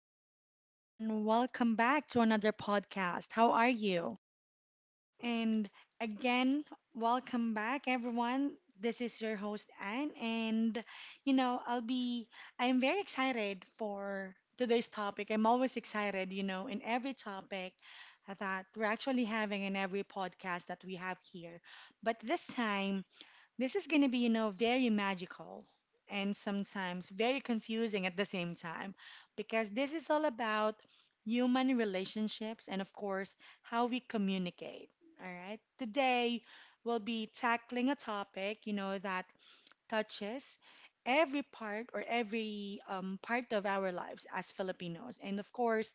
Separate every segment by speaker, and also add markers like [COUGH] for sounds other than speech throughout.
Speaker 1: morning, everyone. Welcome back to another podcast. How are you? And again, welcome back, everyone. This is your host, Anne, and you know, I'll be, I'm very excited for today's topic. I'm always excited, in every topic that we're actually having in every podcast that we have here. But this time, this is going to be, very magical and sometimes very confusing at the same time because this is all about human relationships and, of course, how we communicate. All right. Today, we'll be tackling a topic, that touches every part or every part of our lives as Filipinos. And, of course,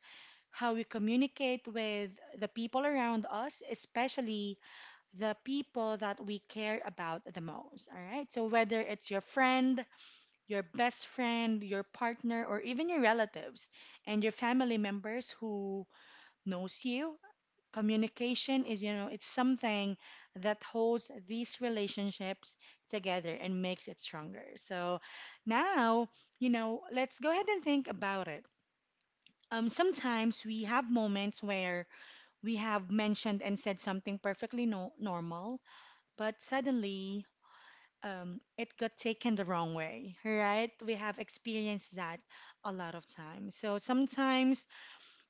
Speaker 1: how we communicate with the people around us, especially the people that we care about the most. All right. So, whether it's your friend, your best friend, your partner, or even your relatives and your family members who knows you, communication it's something that holds these relationships together and makes it stronger. So, now, let's go ahead and think about it. Sometimes we have moments where we have mentioned and said something perfectly normal, but suddenly it got taken the wrong way, right? We have experienced that a lot of times. So sometimes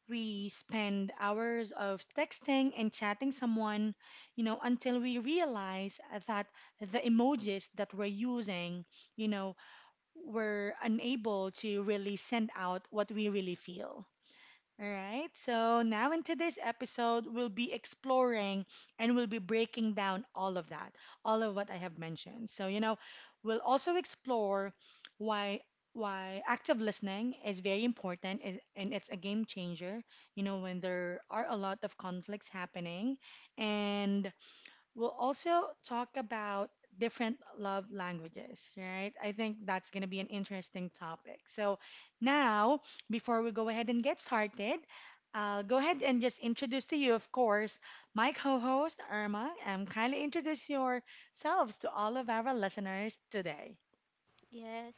Speaker 1: we spend hours of texting and chatting someone, until we realize that the emojis that we're using, you know, we're unable to really send out what we really feel. All right. So now in today's episode, we'll be exploring and we'll be breaking down all of that, all of what I have mentioned. So, we'll also explore why why active listening is very important and it's a game changer, when there are a lot of conflicts happening and we'll also talk about different love languages, right? I think that's going to be an interesting topic. So, now, before we go ahead and get started, I'll go ahead and just introduce to you, of course, my co host, Irma, and kindly introduce yourselves to all of our listeners today.
Speaker 2: Yes.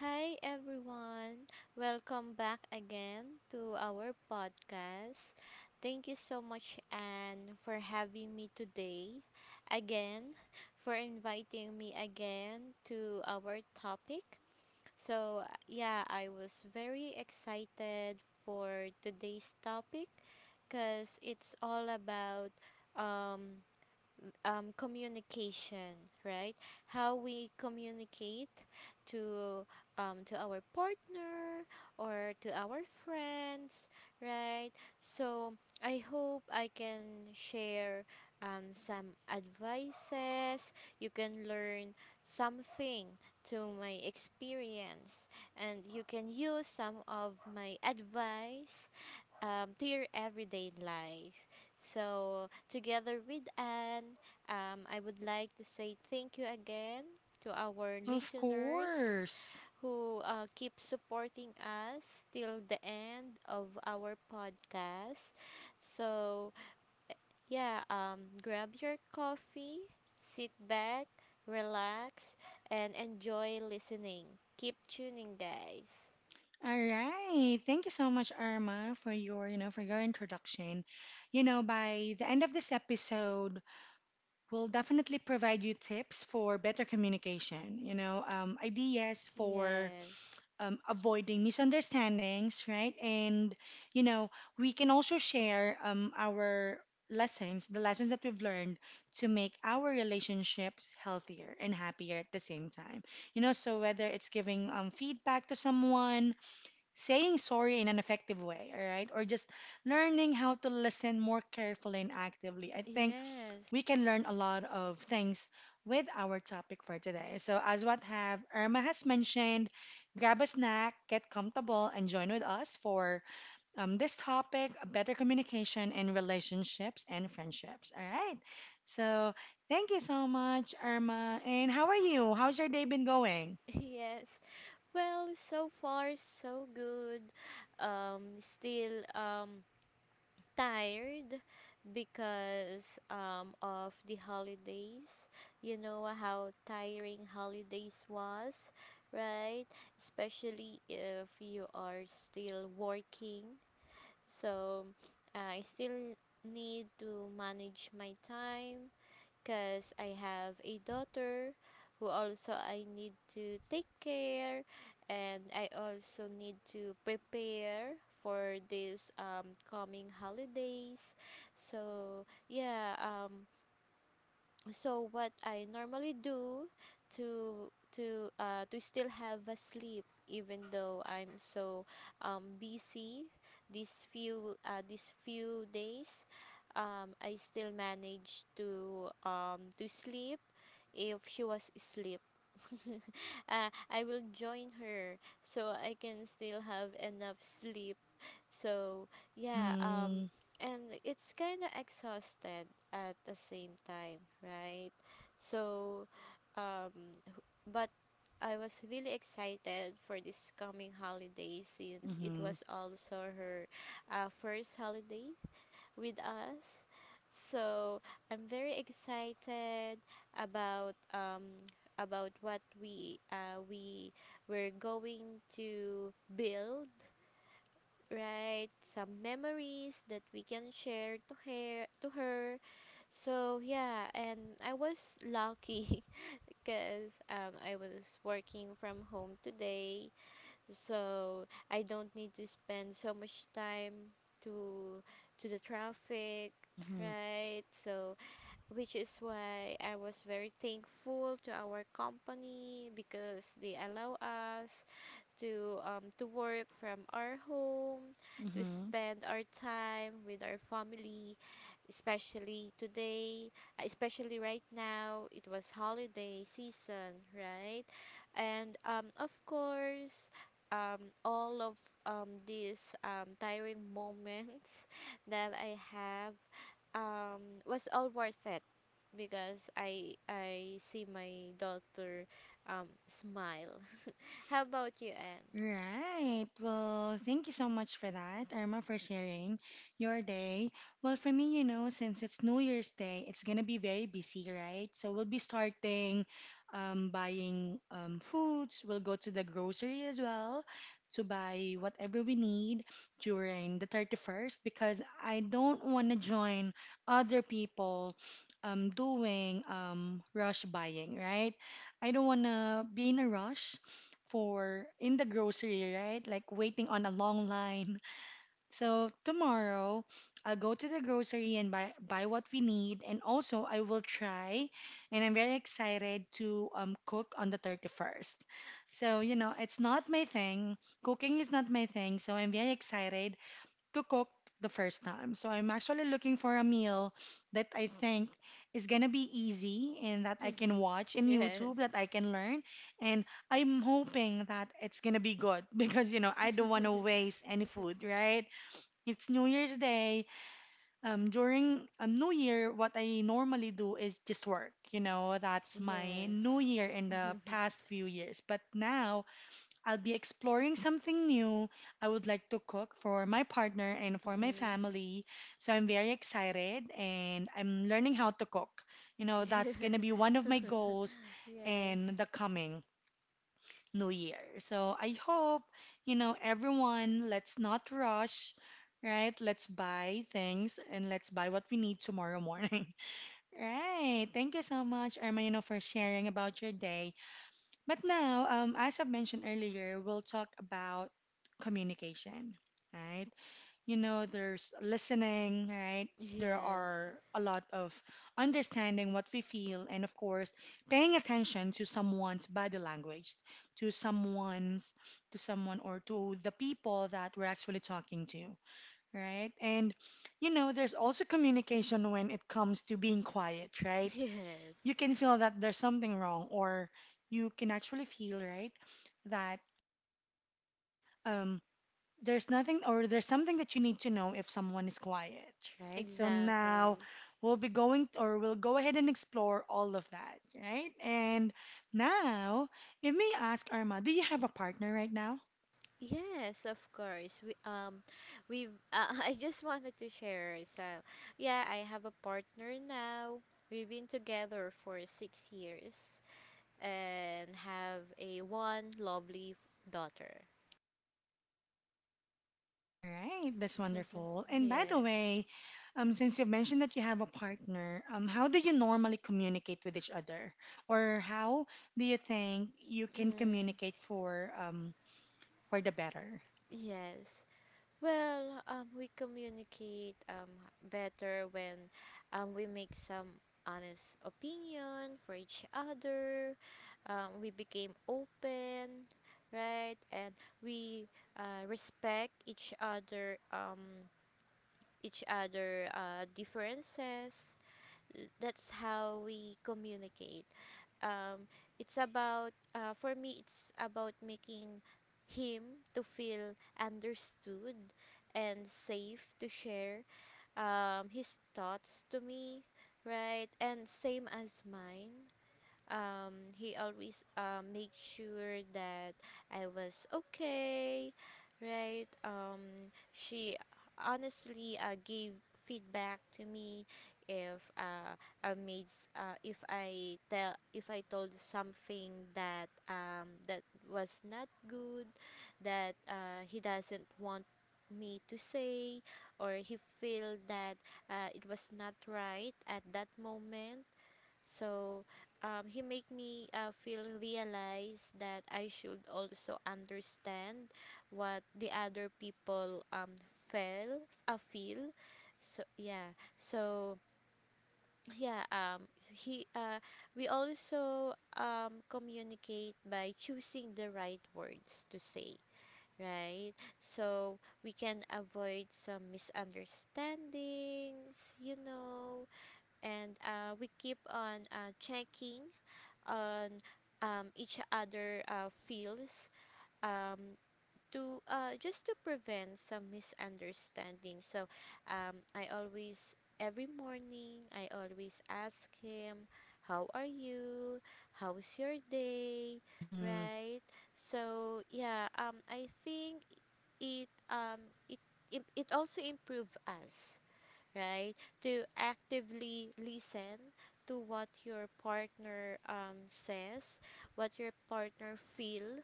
Speaker 2: Hi, everyone. Welcome back again to our podcast. Thank you so much, Anne, for having me today. Again, for inviting me again to our topic. So, yeah, I was very excited for today's topic because it's all about um, communication, right? How we communicate to to our partner or to our friends, right? So I hope I can share some advices. You can learn something to my experience, and you can use some of my advice to your everyday life. So, together with Anne, I would like to say thank you again to our
Speaker 1: Of
Speaker 2: listeners
Speaker 1: course.
Speaker 2: who keep supporting us till the end of our podcast. So, yeah, grab your coffee, sit back, relax, and enjoy listening. Keep tuning, guys.
Speaker 1: All right. Thank you so much, Irma, for your introduction. By the end of this episode, will definitely provide you tips for better communication, ideas for
Speaker 2: Yes.
Speaker 1: avoiding misunderstandings, right? And, you know, we can also share our lessons, the lessons that we've learned to make our relationships healthier and happier at the same time. So whether it's giving feedback to someone, saying sorry in an effective way, all right? Or just learning how to listen more carefully and actively. I think
Speaker 2: Yes.
Speaker 1: we can learn a lot of things with our topic for today. So, as what have Irma has mentioned, grab a snack, get comfortable, and join with us for this topic: better communication in relationships and friendships. All right. So, thank you so much, Irma. And how are you? How's your day been going?
Speaker 2: [LAUGHS] Yes. Well, so far so good. Still tired because of the holidays. You know how tiring holidays was, right? Especially if you are still working. So I still need to manage my time because I have a daughter who also I need to take care and I also need to prepare for these coming holidays. So so what I normally do to to still have a sleep even though I'm so busy these few days, I still manage to sleep if she was asleep. [LAUGHS] I will join her so I can still have enough sleep. so yeah
Speaker 1: Mm-hmm.
Speaker 2: um and it's kind of exhausted at the same time, right? So um h- but I was really excited for this coming holiday since it
Speaker 1: Mm-hmm.
Speaker 2: was also her first holiday with us. So I'm very excited about um about what we were going to build, right? Some memories that we can share to her. So yeah, and I was lucky [LAUGHS] because I was working from home today, so I don't need to spend so much time to to the traffic,
Speaker 1: Mm-hmm.
Speaker 2: right? So which is why I was very thankful to our company because they allow us to work from our home, to
Speaker 1: Mm-hmm.
Speaker 2: spend our time with our family, especially today, especially right now. It was holiday season, right? And of course, all of these tiring moments [LAUGHS] that I have was all worth it because I see my daughter smile. [LAUGHS] How about you, Anne?
Speaker 1: Right. Well, thank you so much for that, Irma, for sharing your day. Well, for me, since it's New Year's Day, it's gonna be very busy, right? So we'll be starting buying foods. We'll go to the grocery as well to buy whatever we need during the 31st because I don't want to join other people doing rush buying, right? I don't want to be in a rush for in the grocery, right? Like waiting on a long line. So tomorrow I'll go to the grocery and buy what we need, and also I will try, and I'm very excited to cook on the 31st. So, it's not my thing. Cooking is not my thing, so I'm very excited to cook the first time. So I'm actually looking for a meal that I think is gonna be easy and that I can watch
Speaker 2: [LAUGHS]
Speaker 1: in
Speaker 2: Yes.
Speaker 1: YouTube that I can learn. And I'm hoping that it's gonna be good [LAUGHS] because I don't want to
Speaker 2: [LAUGHS]
Speaker 1: waste any food, right? It's New Year's Day. During New Year, what I normally do is just work. That's my
Speaker 2: Yes.
Speaker 1: New Year in the
Speaker 2: [LAUGHS]
Speaker 1: past few years. But now I'll be exploring something new. I would like to cook for my partner and for my
Speaker 2: Mhm.
Speaker 1: family. So I'm very excited and I'm learning how to cook. That's going to be
Speaker 2: [LAUGHS]
Speaker 1: one of my goals
Speaker 2: Yes.
Speaker 1: in the coming new year. So I hope, everyone, let's not rush, right? Let's buy things and let's buy what we need tomorrow morning. [LAUGHS] Right. Thank you so much, Irma, for sharing about your day. But now, as I've mentioned earlier, we'll talk about communication, right? There's listening, right? There
Speaker 2: Yes.
Speaker 1: are a lot of understanding what we feel, and of course, paying attention to someone's body language, to someone's, to someone, or to the people that we're actually talking to, right? And, there's also communication when it comes to being quiet, right?
Speaker 2: [LAUGHS] Yes.
Speaker 1: You can feel that there's something wrong, or you can actually feel, right, that um there's nothing or there's something that you need to know if someone is quiet, right? So now,
Speaker 2: Exactly.
Speaker 1: we'll be going or we'll go ahead and explore all of that, right? And now, if may ask, Arma, do you have a partner right now?
Speaker 2: Yes, of course. We [LAUGHS] I just wanted to share. So, yeah, I have a partner now. We've been together for 6 years and have a one lovely f- daughter.
Speaker 1: All right, that's wonderful.
Speaker 2: [LAUGHS]
Speaker 1: And by the
Speaker 2: Yes.
Speaker 1: way, since you've mentioned that you have a partner, how do you normally communicate with each other, or how do you think you can
Speaker 2: Mm,
Speaker 1: communicate for the better?
Speaker 2: yes. Well, we communicate better when we make some honest opinion for each other. We became open, right? And we respect each other, differences. That's how we communicate. Um, it's about for me. It's about making him to feel understood and safe to share his thoughts to me, right? And same as mine. He always made sure that I was okay, right? She honestly gave feedback to me if if I tell if I told something that that was not good, that he doesn't want me to say, or he feel that it was not right at that moment. So he make me feel realize that I should also understand what the other people feel, feel. So yeah, so yeah he We also communicate by choosing the right words to say, right? So we can avoid some misunderstandings, you know. And we keep on checking on each other feels, um, to just to prevent some misunderstanding. So I always every morning I always ask him, how are you? How's your day?
Speaker 1: Mm-hmm.
Speaker 2: Right? So I think it um, it, it also improve us, right? To actively listen to what your partner says, what your partner feel,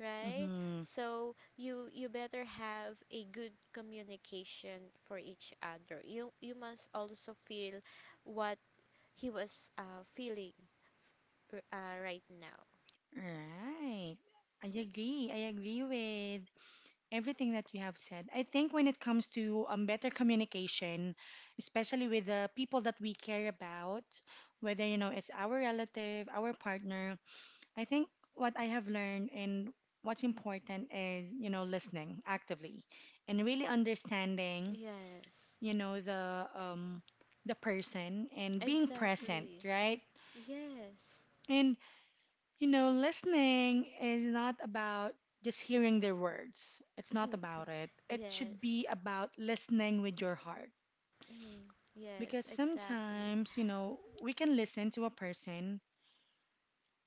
Speaker 2: right?
Speaker 1: Mm-hmm.
Speaker 2: So you better have a good communication for each other. You must also feel what he was feeling right now.
Speaker 1: Right. I agree. I agree with everything that you have said. I think when it comes to better communication, especially with the people that we care about, whether it's our relative, our partner. I think what I have learned and what's important is, listening actively and really understanding,
Speaker 2: Yes,
Speaker 1: the person and being present,
Speaker 2: exactly.
Speaker 1: right?
Speaker 2: Yes.
Speaker 1: And listening is not about just hearing their words. It's not
Speaker 2: [LAUGHS]
Speaker 1: about it. It
Speaker 2: Yes.
Speaker 1: should be about listening with your heart.
Speaker 2: mm, yes,
Speaker 1: Because
Speaker 2: exactly.
Speaker 1: sometimes, we can listen to a person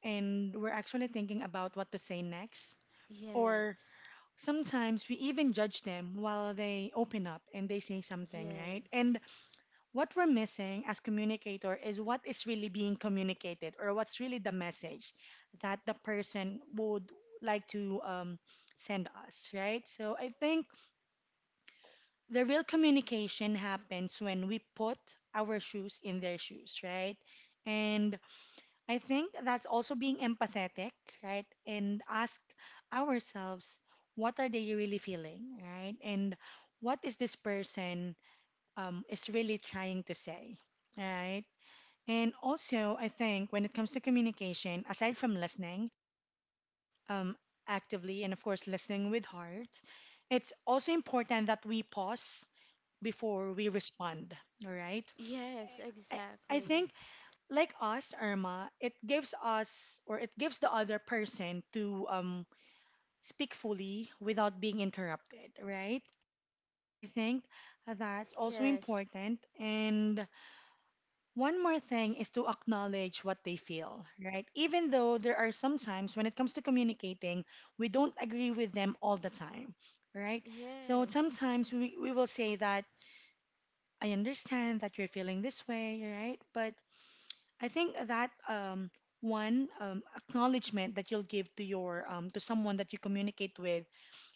Speaker 1: and we're actually thinking about what to say next. Or
Speaker 2: Yes.
Speaker 1: sometimes we even judge them while they open up and they say something, right?
Speaker 2: Yes.
Speaker 1: And what we're missing as communicator is what is really being communicated or what's really the message that the person would like to send us, right? So I think the real communication happens when we put our shoes in their shoes, right? And I think that's also being empathetic, right? And ask ourselves, what are they really feeling, right? And what is this person is really trying to say, right? And also, I think when it comes to communication, aside from listening um, actively and of course listening with heart, it's also important that we pause before we respond, all right?
Speaker 2: Yes,
Speaker 1: I, I
Speaker 2: exactly.
Speaker 1: think like us, Irma, it gives us or it gives the other person to speak fully without being interrupted, right? I think that's also
Speaker 2: Yes.
Speaker 1: important. And one more thing is to acknowledge what they feel, right? Even though there are some times when it comes to communicating, we don't agree with them all the time, right? So
Speaker 2: Yes.
Speaker 1: sometimes we will say that I understand that you're feeling this way, right? But I think that one acknowledgement that you'll give to your to someone that you communicate with,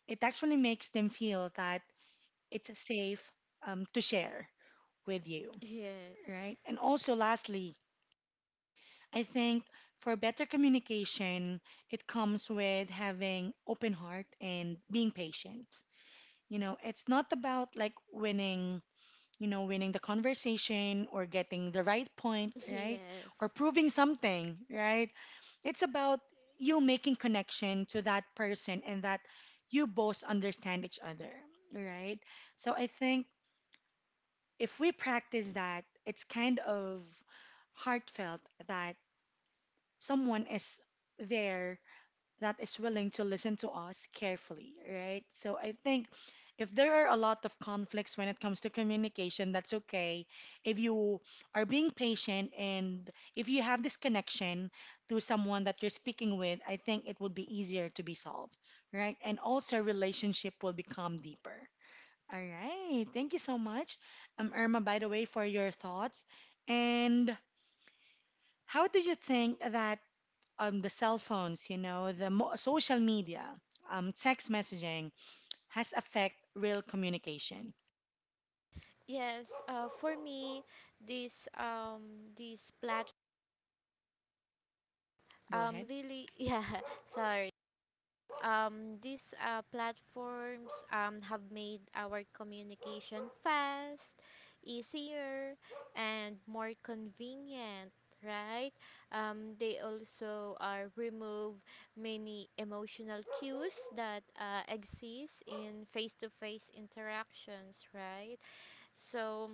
Speaker 1: it actually makes them feel that it's safe to share with you,
Speaker 2: Yes.
Speaker 1: right? And also, lastly, I think for better communication, it comes with having open heart and being patient. It's not about like winning the conversation or getting the right point,
Speaker 2: [LAUGHS]
Speaker 1: right?
Speaker 2: Yes.
Speaker 1: Or proving something, right? It's about you making connection to that person and that you both understand each other, right? So I think if we practice that, it's kind of heartfelt that someone is there that is willing to listen to us carefully, right? So I think if there are a lot of conflicts when it comes to communication, that's okay. If you are being patient and if you have this connection to someone that you're speaking with, I think it would be easier to be solved, right? And also relationship will become deeper. All right. Thank you so much, Irma, by the way, for your thoughts. And how do you think that the cell phones, the social media, text messaging has affect real communication.
Speaker 2: Yes. For me, this platform
Speaker 1: Go ahead.
Speaker 2: really [LAUGHS] yeah sorry these platforms have made our communication fast, easier, and more convenient, right? They also remove many emotional cues that exist in face to face interactions, right? So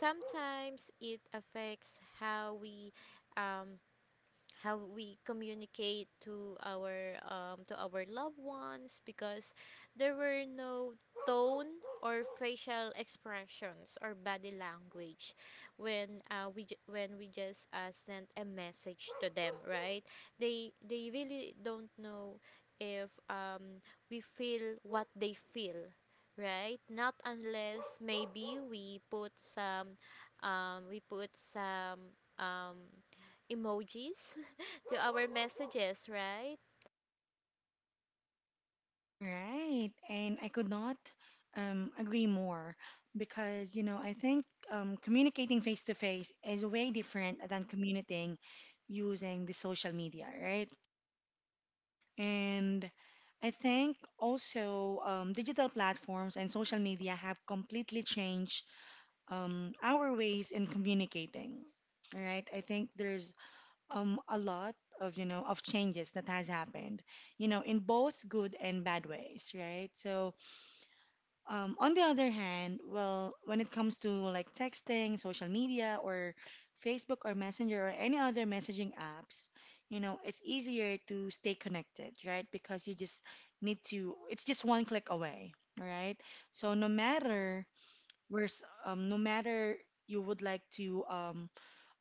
Speaker 2: sometimes it affects how we. Um, how we communicate to our loved ones because there were no tone or facial expressions or body language when when we just sent a message to them, right? They really don't know if we feel what they feel, right? Not unless maybe we put some um, we put some um, emojis [LAUGHS] to our messages, right?
Speaker 1: Right. And I could not agree more because, I think communicating face to face is way different than communicating using the social media, right? And I think also digital platforms and social media have completely changed our ways in communicating. All right, I think there's a lot of you know of changes that has happened, in both good and bad ways, right? So on the other hand, well, when it comes to like texting, social media, or Facebook or Messenger or any other messaging apps, it's easier to stay connected, right? Because you just it's just one click away, all right? So no matter where no matter you would like to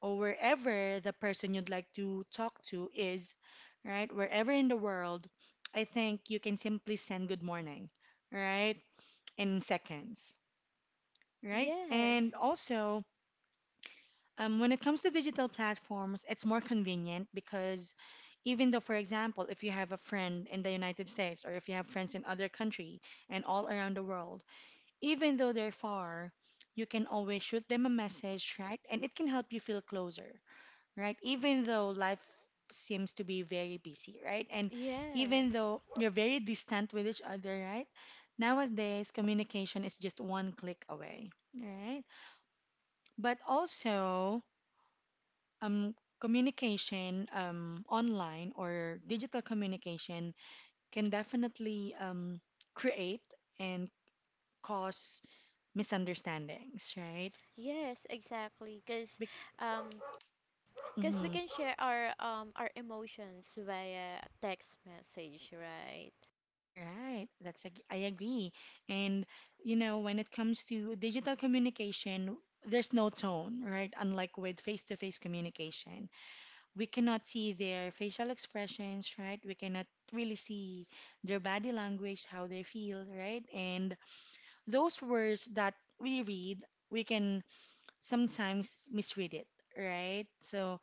Speaker 1: or wherever the person you'd like to talk to is, right? Wherever in the world, I think you can simply send good morning, right? In seconds, right? And
Speaker 2: Yes,
Speaker 1: also, when it comes to digital platforms, it's more convenient because even though, for example, if you have a friend in the United States or if you have friends in other country and all around the world, even though they're far, you can always shoot them a message, right? And it can help you feel closer, right? Even though life seems to be very busy, right? And even
Speaker 2: yes,
Speaker 1: though you're very distant with each other, right? Nowadays, communication is just one click away, right? But also, um, communication online or digital communication can definitely create and cause misunderstandings, right?
Speaker 2: yes, exactly. Um, cause we
Speaker 1: Mm-hmm.
Speaker 2: can share our emotions via text message, right?
Speaker 1: Right. I agree. And when it comes to digital communication, there's no tone, right? Unlike with face-to-face communication, we cannot see their facial expressions, right? We cannot really see their body language, how they feel, right? And those words that we read, we can sometimes misread it, right? So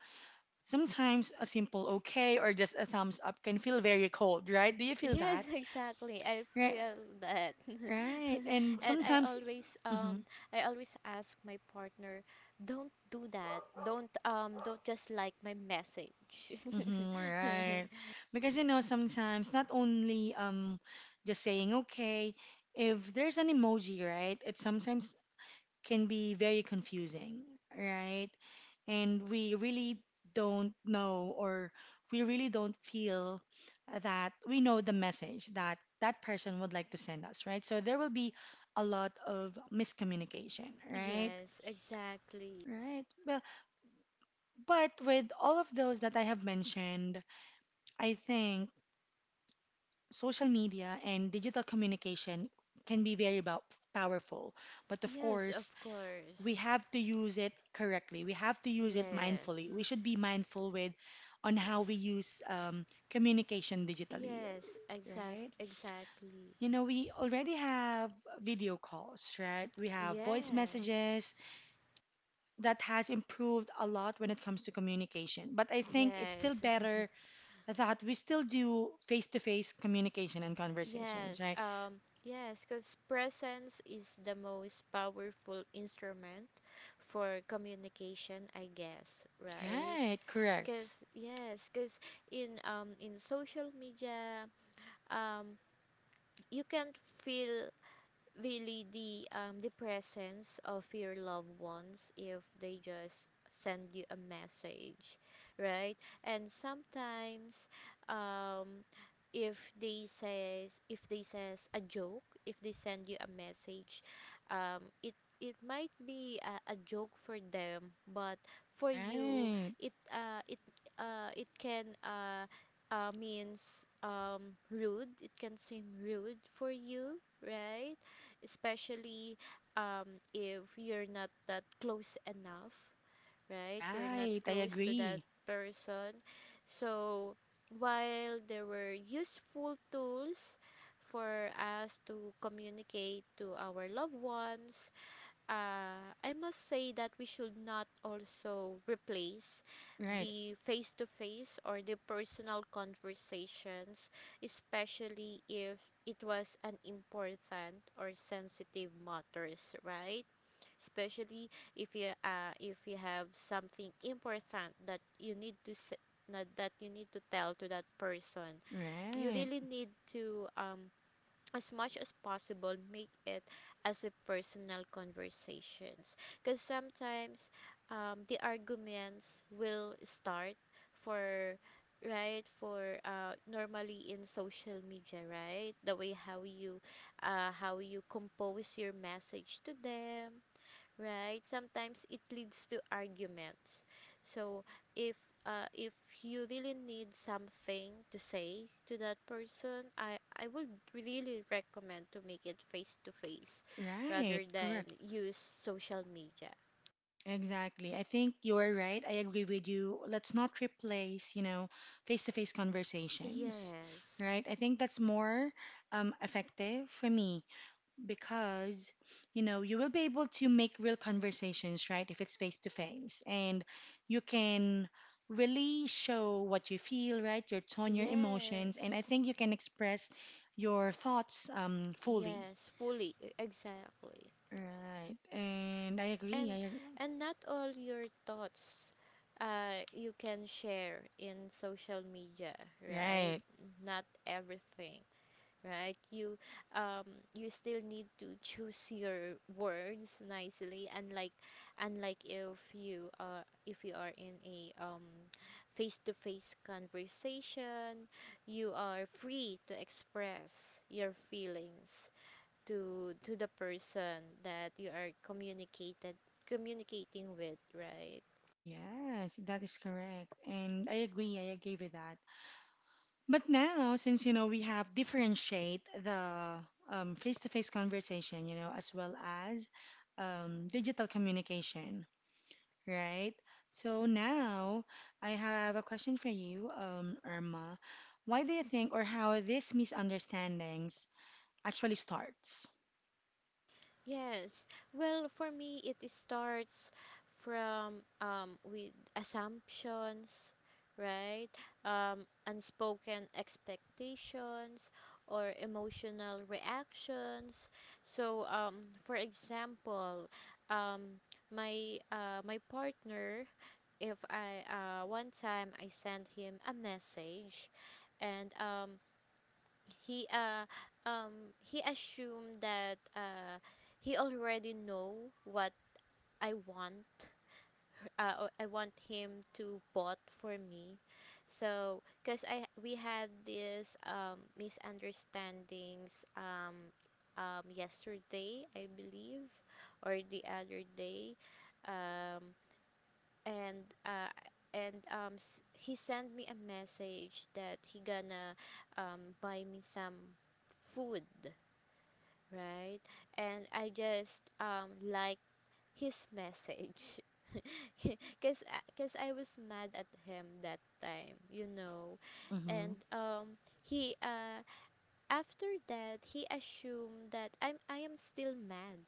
Speaker 1: sometimes a simple okay or just a thumbs up can feel very cold, right? Do you feel
Speaker 2: Yes,
Speaker 1: that?
Speaker 2: [LAUGHS] exactly. I
Speaker 1: Right.
Speaker 2: feel that.
Speaker 1: Right.
Speaker 2: [LAUGHS]
Speaker 1: And
Speaker 2: And
Speaker 1: sometimes, mm-hmm,
Speaker 2: I always ask my partner, don't do that. Don't just like my message.
Speaker 1: mm-hmm,
Speaker 2: [LAUGHS]
Speaker 1: right. Because sometimes not only just saying okay, if there's an emoji, right, it sometimes can be very confusing, right? And we really don't know or we really don't feel that we know the message that that person would like to send us, right? So there will be a lot of miscommunication, right?
Speaker 2: Yes, exactly.
Speaker 1: Right. But with all of those that I have mentioned, I think social media and digital communication can be very powerful. But of
Speaker 2: Yes,
Speaker 1: course,
Speaker 2: of
Speaker 1: we
Speaker 2: course.
Speaker 1: have to use it correctly. We have to use it mindfully.
Speaker 2: Yes.
Speaker 1: We should be mindful with on how we use communication digitally,
Speaker 2: Yes,
Speaker 1: right?
Speaker 2: exactly.
Speaker 1: You know, we already have video calls, right? We have voice
Speaker 2: Yes.
Speaker 1: messages that has improved a lot when it comes to communication. But I think it's still
Speaker 2: Yes.
Speaker 1: better that we still do face to face communication and
Speaker 2: [LAUGHS]
Speaker 1: conversations,
Speaker 2: Yes.
Speaker 1: right?
Speaker 2: Yes, cuz presence is the most powerful instrument for communication, I guess, right?
Speaker 1: Right, correct.
Speaker 2: Cuz yes, cuz in social media um you can feel really the presence of your loved ones if they just send you a message, right? And sometimes um if they says a joke, if they send you a message, um it it might be a joke for them, but for you
Speaker 1: Right,
Speaker 2: it uh it it can means rude it can seem rude for you, right? Especially if you're not that close enough, right? You're not
Speaker 1: right. I
Speaker 2: close to that
Speaker 1: agree.
Speaker 2: person. So, while there were useful tools for us to communicate to our loved ones, I must say that we should not also replace
Speaker 1: Right,
Speaker 2: the face to face or the personal conversations, especially if it was an important or sensitive matters, right? Especially if you have something important that you need that you need to tell to that person, you
Speaker 1: right,
Speaker 2: really need to as much as possible make it as a personal conversations, because sometimes the arguments will start for right for normally in social media, right? The way how you compose your message to them, right? Sometimes it leads to arguments. So if if you really need something to say to that person, I would really recommend to make it face to face
Speaker 1: right.
Speaker 2: rather than
Speaker 1: Correct.
Speaker 2: use social media.
Speaker 1: Exactly. I think you're right. I agree with you. Let's not replace, you know, face to face conversations,
Speaker 2: Yes.
Speaker 1: right? I think that's more effective for me because you know you will be able to make real conversations right if it's face to face and you can really show what you feel right your tone your emotions and I
Speaker 2: Yes.
Speaker 1: think you can express your thoughts fully
Speaker 2: Yes, fully, exactly.
Speaker 1: right and I agree
Speaker 2: and and not all your thoughts you can share in social media, right?
Speaker 1: right
Speaker 2: Not everything, right? You um you still need to choose your words nicely, unlike unlike if you are in a face to face conversation. You are free to express your feelings to the person that you are communicated communicating with, right?
Speaker 1: yes that is correct and I agree I agree with that. But now, since you know we have differentiate the face-to-face conversation, you know, as well as digital communication, right? So now I have a question for you, Irma. Why do you think, or how these misunderstandings actually starts?
Speaker 2: Yes. Well, for me it starts from with assumptions, right? Unspoken expectations or emotional reactions. So for example, um my partner, if I one time I sent him a message and he uh he assumed that he already know what I want, or I want him to bought for me. So cuz I we had this misunderstandings yesterday, I believe, or the other day. um and uh, and he sent me a message that he gonna buy me some food, right? And I just like his message. [LAUGHS] Cause, cause I was mad at him that time, you know,
Speaker 1: Hmm.
Speaker 2: and he after that he assumed that I am still mad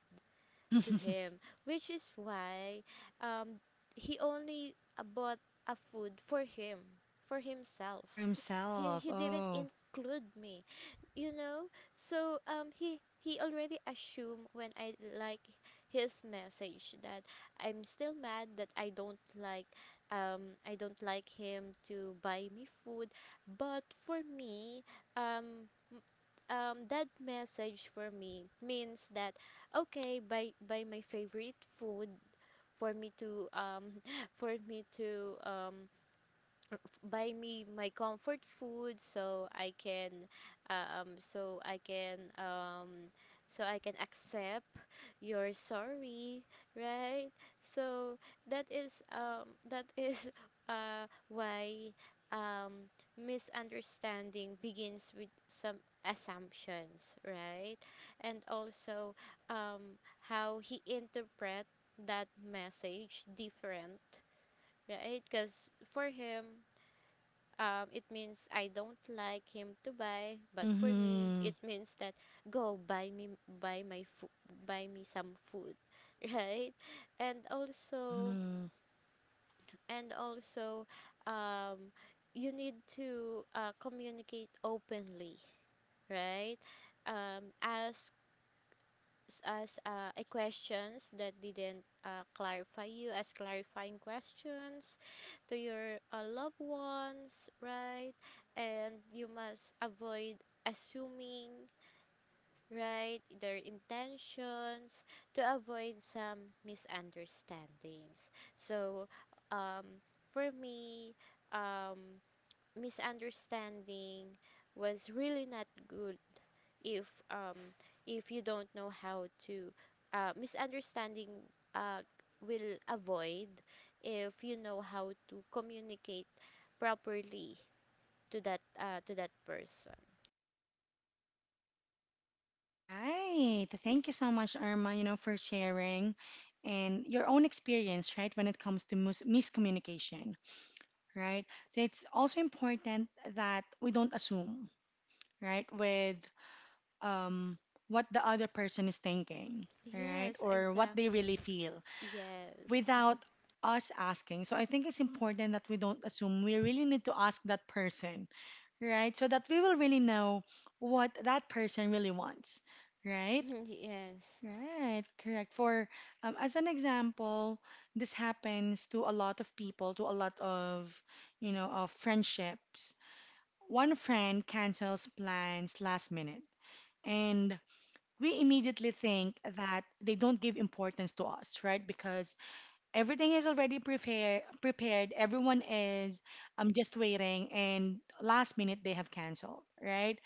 Speaker 2: to
Speaker 1: [LAUGHS]
Speaker 2: him, which is why um, he only bought a food for him, for himself.
Speaker 1: For
Speaker 2: He
Speaker 1: himself.
Speaker 2: he didn't
Speaker 1: Oh.
Speaker 2: include me, you know. So he already assumed when I like his message that I'm still mad, that I don't like him to buy me food. But for me um m- that message for me means that, okay, by my favorite food for me to [LAUGHS] for me to buy me my comfort food, so I can so I can so I can accept your sorry, right? So that is [LAUGHS] why um misunderstanding begins with some assumptions, right? And also how he interpret that message different, right? Because for him, it means I don't like him to buy, but for me,
Speaker 1: Mm-hmm.
Speaker 2: it means that go buy me buy my food, buy me some food, [LAUGHS] right? And also,
Speaker 1: Mm-hmm.
Speaker 2: and also, um, you need to communicate openly, right? Um, as as a questions that didn't clarify you as clarifying questions to your loved ones, right? And you must avoid assuming, right, their intentions, to avoid some misunderstandings. So um, for me, um, misunderstanding was really not good. If um if you don't know how to, misunderstanding uh, will avoid if you know how to communicate properly to that person.
Speaker 1: Right. Thank you so much, Irma, you know, for sharing and your own experience, right, when it comes to miscommunication, right? So it's also important that we don't assume, right, with um, what the other person is thinking, right,
Speaker 2: Yes,
Speaker 1: or what they really
Speaker 2: exactly.
Speaker 1: feel
Speaker 2: Yes.
Speaker 1: without us asking. So I think it's important that we don't assume. We really need to ask that person, right, so that we will really know what that person really wants, right?
Speaker 2: [LAUGHS] Yes.
Speaker 1: Right, correct. For as an example, this happens to a lot of people, to a lot of, you know, of friendships. One friend cancels plans last minute, and we immediately think that they don't give importance to us, right? Because everything is already prepared, prepared. Everyone is just waiting, and last minute they have canceled, right?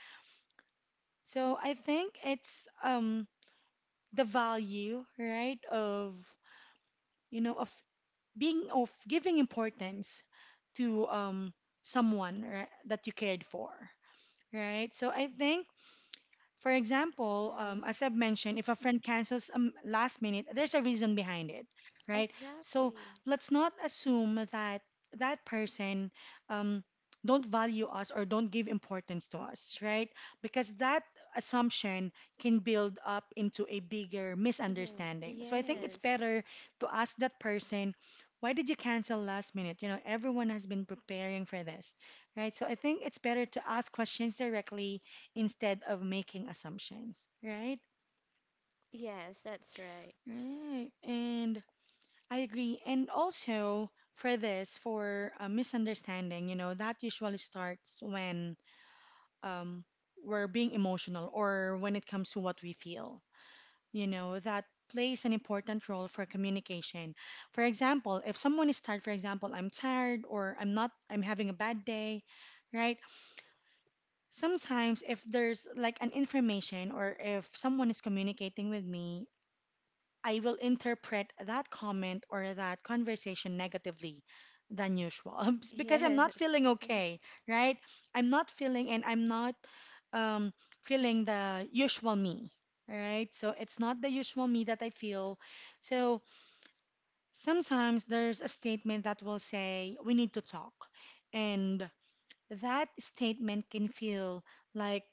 Speaker 1: So I think it's the value, right, of you know, of being of giving importance to someone right, that you cared for, right? So I think for example,
Speaker 2: Mm-hmm.
Speaker 1: as I've mentioned, if a friend cancels last minute, there's a reason behind it, right? So
Speaker 2: Exactly.
Speaker 1: let's not assume that that person um, don't value us or don't give importance to us, right? Because that assumption can build up into a bigger
Speaker 2: Mm-hmm.
Speaker 1: misunderstanding. So I think it's
Speaker 2: Yes.
Speaker 1: better to ask that person, why did you cancel last minute? You know, everyone has been preparing for this, right? So I think it's better to ask questions directly instead of making assumptions, right?
Speaker 2: Yes, that's right.
Speaker 1: Right. And I agree. And also for this, for a misunderstanding, you know, that usually starts when um, we're being emotional or when it comes to what we feel, you know, that plays an important role for communication. For example, if someone is tired, for example, I'm tired or I'm not, I'm having a bad day, right? Sometimes if there's like an information or if someone is communicating with me I will interpret that comment or that conversation negatively than usual [LAUGHS] because I'm
Speaker 2: Yes.
Speaker 1: not feeling okay, right? I'm not um, feeling the usual me, right? So it's not the usual me that I feel. So sometimes there's a statement that will say, we need to talk. And that statement can feel like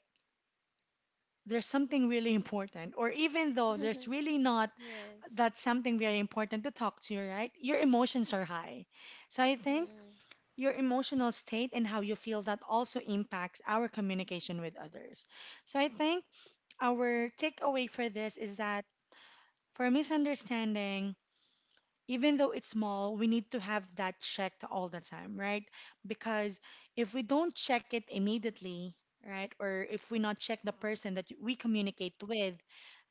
Speaker 1: there's something really [LAUGHS] important, or even though there's
Speaker 2: [LAUGHS]
Speaker 1: really not
Speaker 2: Yes.
Speaker 1: that's something very important to talk to, right? Your emotions are high. So I think
Speaker 2: Mm.
Speaker 1: your emotional state and how you feel that also impacts our communication with others. So I think our takeaway for this is that for misunderstanding, even though it's small, we need to have that checked all the time, right? Because if we don't check it immediately, right, or if we not check the person that we communicate with,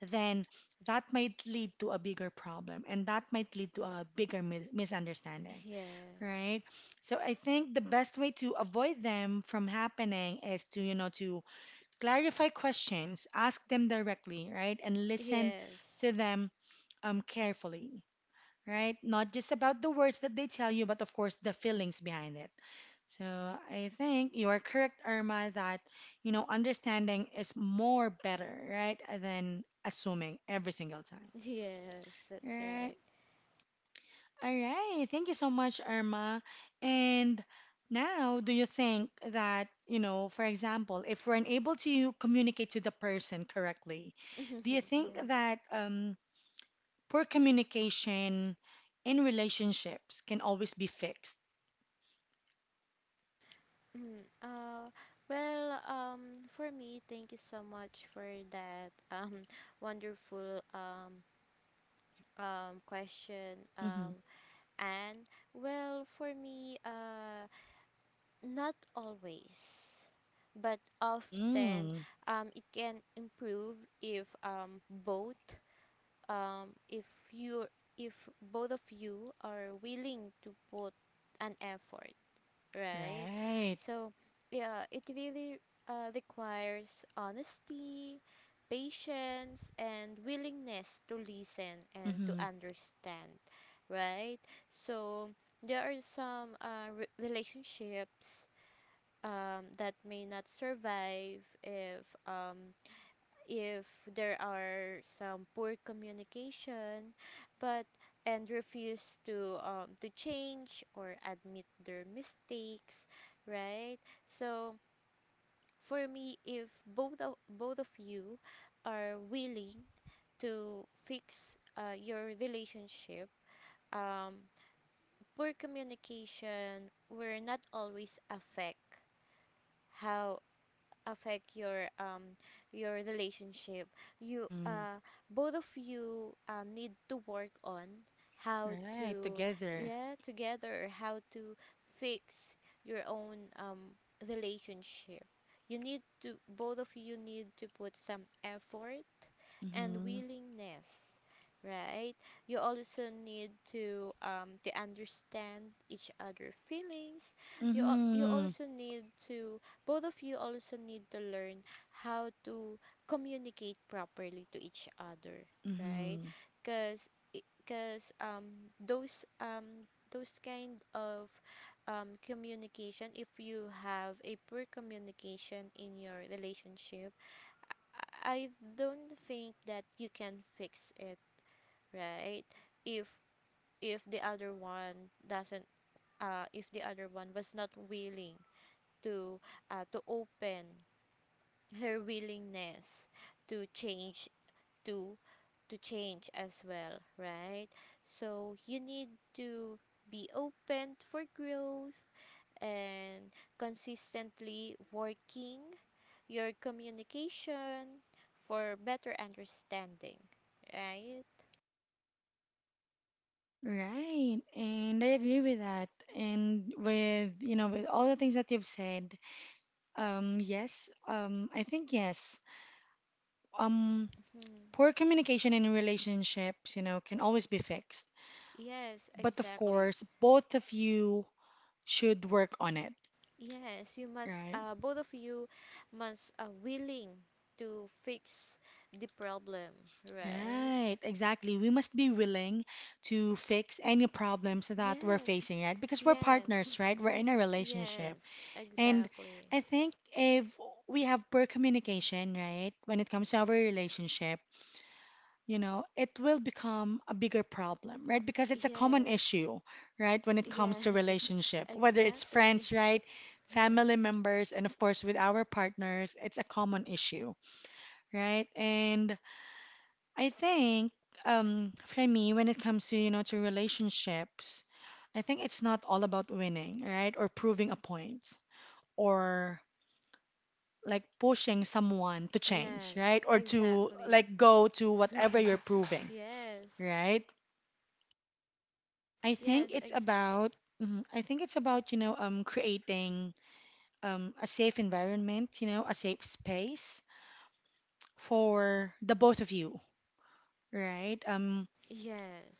Speaker 1: then that might lead to a bigger problem and that might lead to a bigger misunderstanding,
Speaker 2: Yes.
Speaker 1: right? So I think the best way to avoid them from happening is to, you know, to clarify questions, ask them directly, right, and listen
Speaker 2: Yes.
Speaker 1: to them carefully right? Not just about the words that they tell you, but of course the feelings behind it. So I think you are correct, Irma, that you know understanding is more better, right, than assuming every single time.
Speaker 2: Yes, that's
Speaker 1: Right.
Speaker 2: right.
Speaker 1: All right. Thank you so much, Irma. And now, do you think that, you know, for example, if we're unable to communicate to the person correctly, do you
Speaker 2: [LAUGHS]
Speaker 1: think
Speaker 2: Yes.
Speaker 1: that poor communication in relationships can always be fixed.
Speaker 2: Mm, uh, well, for me, thank you so much for that [LAUGHS] wonderful question.
Speaker 1: Mm-hmm.
Speaker 2: And well, for me, not always, but often,
Speaker 1: Mm,
Speaker 2: it can improve if both if you if both of you are willing to put an effort, right?
Speaker 1: right.
Speaker 2: So, yeah, it really requires honesty, patience, and willingness to listen and to
Speaker 1: Mm-hmm.
Speaker 2: understand, right? So, there are some relationships that may not survive if if there are some poor communication, but and refuse to change or admit their mistakes, right? So, for me, if both of you are willing to fix your relationship, um, poor communication will not always affect how affect your relationship. You
Speaker 1: Mm-hmm.
Speaker 2: Both of you need to work on how
Speaker 1: Right.
Speaker 2: to,
Speaker 1: Together.
Speaker 2: yeah, together, how to fix your own relationship. You need to, both of you need to put some effort and
Speaker 1: Mm-hmm.
Speaker 2: willingness, right? You also need to understand each other feelings. You al- you
Speaker 1: Mm-hmm.
Speaker 2: also need to Both of you also need to learn how to communicate properly to each other, right?
Speaker 1: Mm-hmm.
Speaker 2: Because because those kind of communication, if you have a poor communication in your relationship, I don't think that you can fix it, right? If if the other one doesn't, if the other one was not willing to, open her willingness to change, to to change as well, right? So you need to be open for growth and consistently working your communication for better understanding, right?
Speaker 1: Right. And I agree with that. And with, you know, with all the things that you've said, yes, I think yes. Um,
Speaker 2: Mhm.
Speaker 1: poor communication in relationships, you know, can always be fixed.
Speaker 2: Yes,
Speaker 1: But of
Speaker 2: exactly.
Speaker 1: course, both of you should work on it.
Speaker 2: Yes, you must,
Speaker 1: Right,
Speaker 2: both of you must are willing to fix the problem, right?
Speaker 1: right, exactly. We must be willing to fix any problems that we're
Speaker 2: Yes,
Speaker 1: facing, right? Because we're partners,
Speaker 2: yes,
Speaker 1: right? We're in a relationship.
Speaker 2: yes,
Speaker 1: And
Speaker 2: exactly.
Speaker 1: I think if we have poor communication, right, when it comes to our relationship, you know, it will become a bigger problem, right? Because it's a common
Speaker 2: Yes,
Speaker 1: issue, right, when it comes to
Speaker 2: yes, [LAUGHS]
Speaker 1: relationship, whether it's
Speaker 2: exactly.
Speaker 1: friends, right,
Speaker 2: [LAUGHS] Yes,
Speaker 1: family members, and of course with our partners, it's a common issue, right? And I think for me, when it comes to you know to relationships, I think it's not all about winning, right? Or proving a point, or like pushing someone to change,
Speaker 2: yes,
Speaker 1: right? Or to
Speaker 2: exactly.
Speaker 1: like go to whatever you're proving,
Speaker 2: Yes,
Speaker 1: right? I think
Speaker 2: yes,
Speaker 1: it's
Speaker 2: exactly.
Speaker 1: about mhm, I think it's about you know creating a safe environment, you know, a safe space for the both of you, right?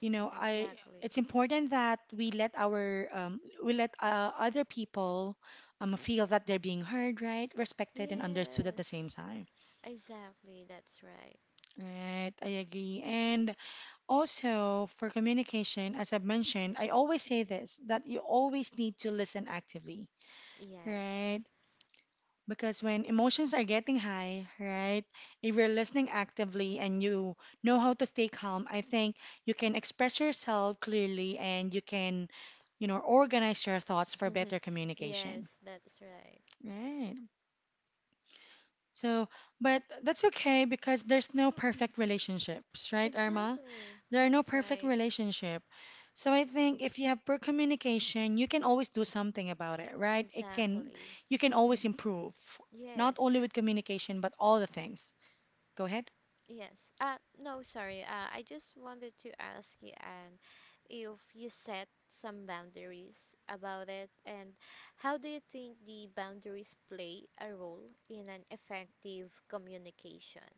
Speaker 1: You know I
Speaker 2: exactly.
Speaker 1: it's important that we let our we let other people feel that they're being heard right respected and understood at the same
Speaker 2: Yes,
Speaker 1: time
Speaker 2: exactly. That's right.
Speaker 1: right I agree and also for communication as I've mentioned I always say this that you always need to listen actively
Speaker 2: Yes,
Speaker 1: right. Because when emotions are getting high, right, if you're listening actively and you know how to stay calm, I think you can express yourself clearly and you can, you know, organize your thoughts for better
Speaker 2: [LAUGHS] yes,
Speaker 1: communication.
Speaker 2: that's right.
Speaker 1: Right. So, but that's okay because there's no perfect relationships, right, Irma?
Speaker 2: Exactly.
Speaker 1: There are no
Speaker 2: That's
Speaker 1: perfect
Speaker 2: right.
Speaker 1: relationship. So I think if you have poor communication, you can always do something about it, right? It can
Speaker 2: Exactly.
Speaker 1: you can always
Speaker 2: [LAUGHS]
Speaker 1: improve, not
Speaker 2: Yes.
Speaker 1: only with communication but all the things. Go ahead.
Speaker 2: Yes. No, sorry. I just wanted to ask you, Anne, if you set some boundaries about it, and how do you think the boundaries play a role in an effective communication?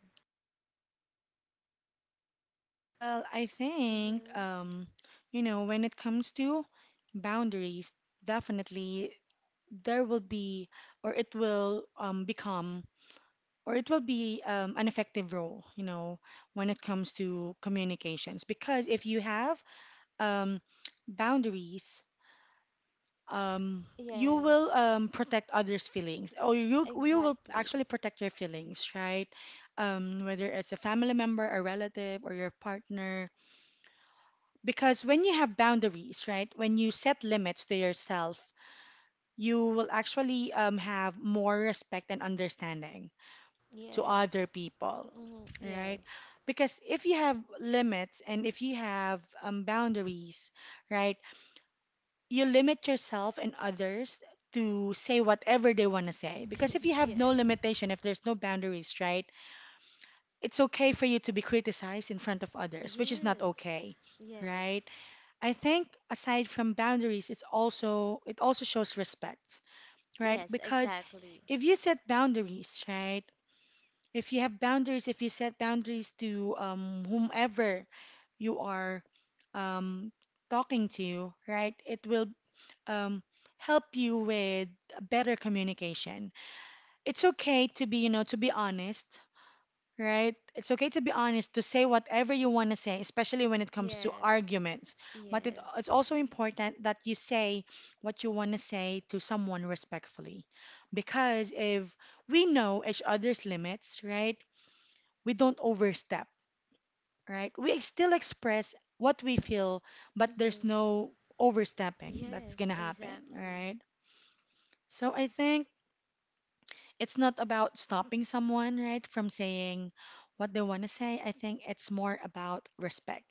Speaker 1: Well, I think
Speaker 2: Mm-hmm.
Speaker 1: you know, when it comes to boundaries, definitely there will be or it will become or it will be an effective role, you know, when it comes to communications. Because if you have um, boundaries, um, you will
Speaker 2: Yes.
Speaker 1: protect others' feelings, or you will
Speaker 2: Exactly.
Speaker 1: actually protect your feelings, right? Whether it's a family member, a relative, or your partner, because when you have boundaries, right? When you set limits to yourself, you will actually have more respect and understanding to other
Speaker 2: Yes.
Speaker 1: people,
Speaker 2: Mm-hmm.
Speaker 1: right?
Speaker 2: Yes.
Speaker 1: Because if you have limits and if you have boundaries, right? You limit yourself and others to say whatever they want to say. Because if you
Speaker 2: [LAUGHS]
Speaker 1: have no
Speaker 2: Yes.
Speaker 1: limitation, if there's no boundaries, right, it's okay for you to be criticized in front of others, which is not
Speaker 2: Yes.
Speaker 1: okay, right?
Speaker 2: Yes.
Speaker 1: I think aside from boundaries, it also shows respect, right?
Speaker 2: Yes,
Speaker 1: Because
Speaker 2: exactly.
Speaker 1: if you set boundaries, right, if you have boundaries, if you set boundaries to whomever you are um, talking to, right, it will um, help you with better communication. It's okay to be, you know, to be honest, right? It's okay to be honest, to say whatever you want to say, especially when it comes to
Speaker 2: Yes.
Speaker 1: arguments. But it's
Speaker 2: Yes.
Speaker 1: also important that you say what you want to say to someone respectfully. Because if we know each other's limits, right, we don't overstep, right? We still express what we feel, but there's
Speaker 2: Mm-hmm.
Speaker 1: no overstepping that's going
Speaker 2: Yes,
Speaker 1: to happen,
Speaker 2: exactly.
Speaker 1: right? So I think it's not about stopping someone, right, from saying what they want to say. I think it's more about respect.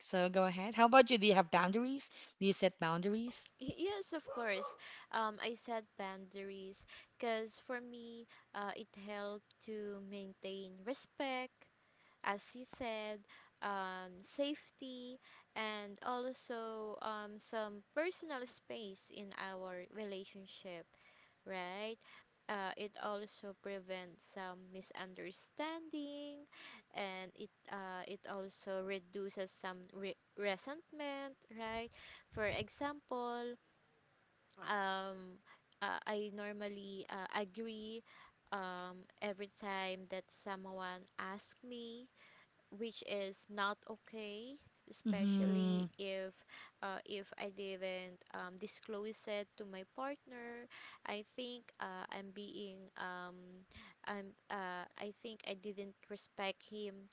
Speaker 1: So go ahead. How about you? Do you have boundaries? Do you set boundaries?
Speaker 2: Yes, of course. I set boundaries because, for me, it helped to maintain respect, as he said, safety, and also some personal space in our relationship, right? It also prevents some misunderstanding, and it also reduces some resentment, right? For example, um, I normally agree every time that someone asks me, which is not okay,
Speaker 1: Mm-hmm.
Speaker 2: especially if I didn't, disclose it to my partner. I think I think I didn't respect him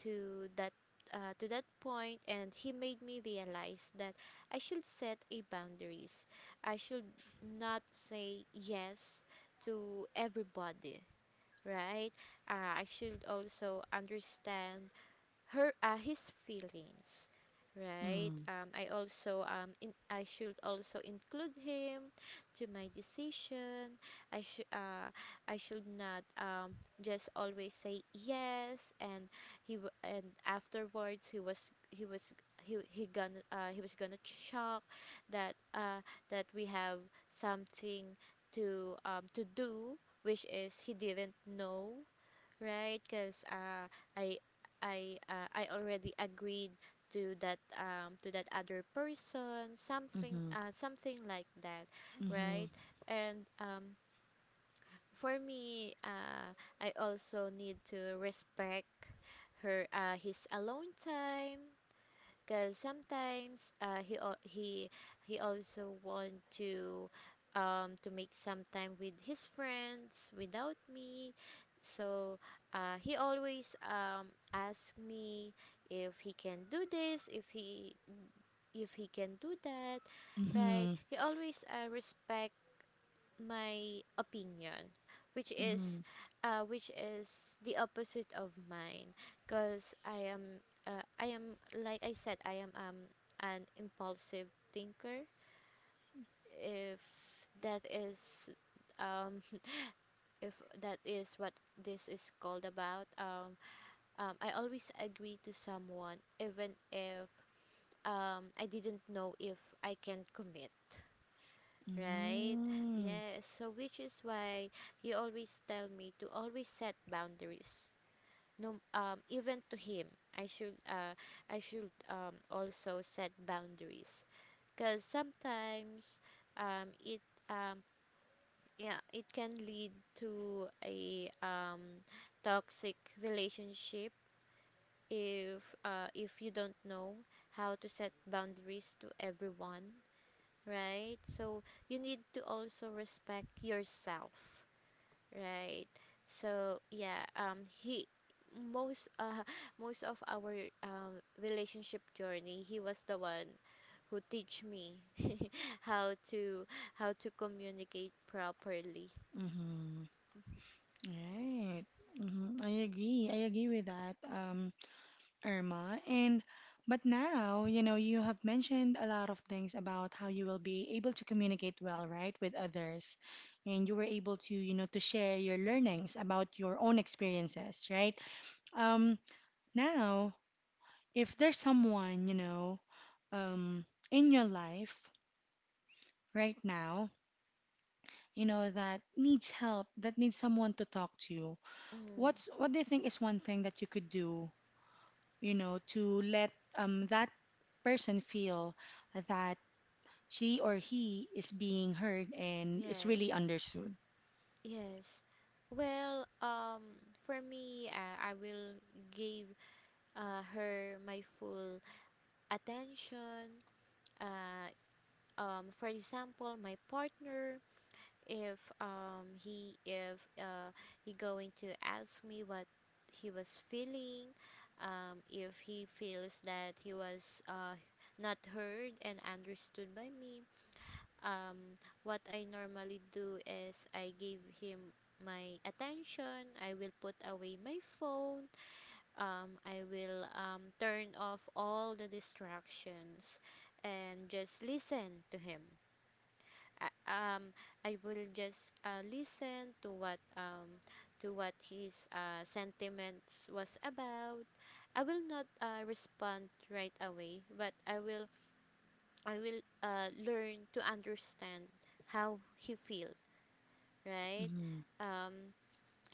Speaker 2: to that, to that point, and he made me realize that I should set a boundaries. I should not say yes to everybody, right? I should also understand her his feelings, right?
Speaker 1: Mm-hmm.
Speaker 2: I also I should also include him to my decision. I should uh, i should not just always say yes, and and afterwards he was, he was, he was gonna shock, that that we have something to do, which is he didn't know. Right, because, I, I already agreed to that, to that other person, something like that,
Speaker 1: Mm-hmm.
Speaker 2: right? And, for me, I also need to respect her his alone time, because sometimes, he al- he also want to, to make some time with his friends without me. So, he always ask me if he can do this, if he can do that,
Speaker 1: Mm-hmm.
Speaker 2: right?
Speaker 1: Mm-hmm.
Speaker 2: He always respect my opinion, which is
Speaker 1: Mm-hmm.
Speaker 2: which is the opposite of mine, because I am, like I said, I am, an impulsive thinker. If that is um, [LAUGHS] if that is what this is called about, I always agree to someone even if, I didn't know if I can commit, right?
Speaker 1: Mm-hmm.
Speaker 2: Yes. So which is why he always tell me to always set boundaries. No, even to him, I should, uh, I should also set boundaries. Cause sometimes, um, it um yeah, it can lead to a toxic relationship if you don't know how to set boundaries to everyone, right? So you need to also respect yourself, right? So, yeah, he, most [LAUGHS] most of our relationship journey, he was the one who teach me [LAUGHS] how to how to communicate properly.
Speaker 1: Mm-hmm. Right. Mm-hmm. I agree. I agree with that. Irma. And but now, you know, you have mentioned a lot of things about how you will be able to communicate well, right, with others. And you were able to, you know, to share your learnings about your own experiences, right? Um, now, if there's someone, you know, in your life right now, you know, that needs help, that needs someone to talk to,
Speaker 2: Mm.
Speaker 1: what do you think is one thing that you could do, you know, to let that person feel that she or he is being heard and is really
Speaker 2: Yes,
Speaker 1: understood.
Speaker 2: yes. Well, for me, I will give her my full attention. Uh, for example, my partner, if he going to ask me what he was feeling, if he feels that he was, not heard and understood by me, um, what I normally do is I give him my attention. I will put away my phone, I will, turn off all the distractions and just listen to him. I- um I will just, listen to what, to what his, sentiments was about. I will not, respond right away, but I will learn to understand how he feel, right?
Speaker 1: Mhm,
Speaker 2: Um,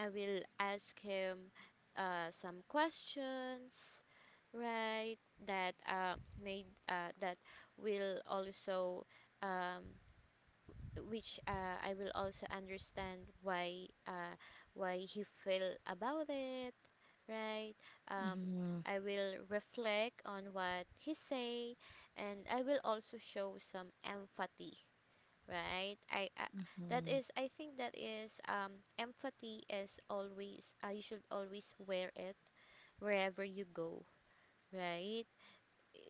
Speaker 2: I will ask him, some questions, right? That, made, that will also, um, which, I will also understand why he feel about it, right? Um,
Speaker 1: mhm,
Speaker 2: I will reflect on what he say, and I will also show some empathy, right? I That
Speaker 1: mhm,
Speaker 2: is, I think, that is, empathy is always, you should always wear it wherever you go, right?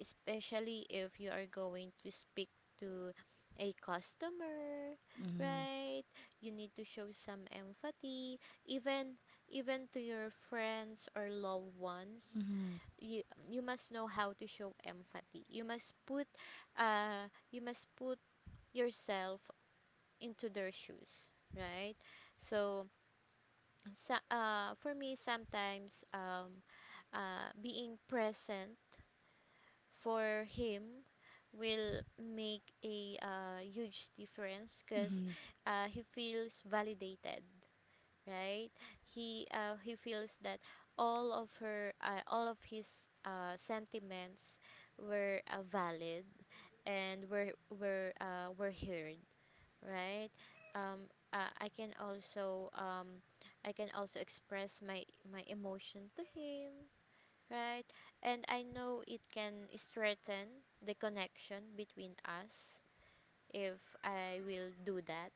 Speaker 2: Especially if you are going to speak to a customer,
Speaker 1: mhm,
Speaker 2: right? You need to show some empathy, even even to your friends or loved ones.
Speaker 1: mhm,
Speaker 2: You you must know how to show empathy. You must put, uh you must put yourself into their shoes, right? So, so uh for me, sometimes, being present for him will make a, huge difference, because,
Speaker 1: mhm,
Speaker 2: he feels validated, right? He feels that all of his sentiments were, valid, and were heard, right? um, uh, I can also um, I can also express my emotion to him, right? And I know it can strengthen the connection between us if I will do that,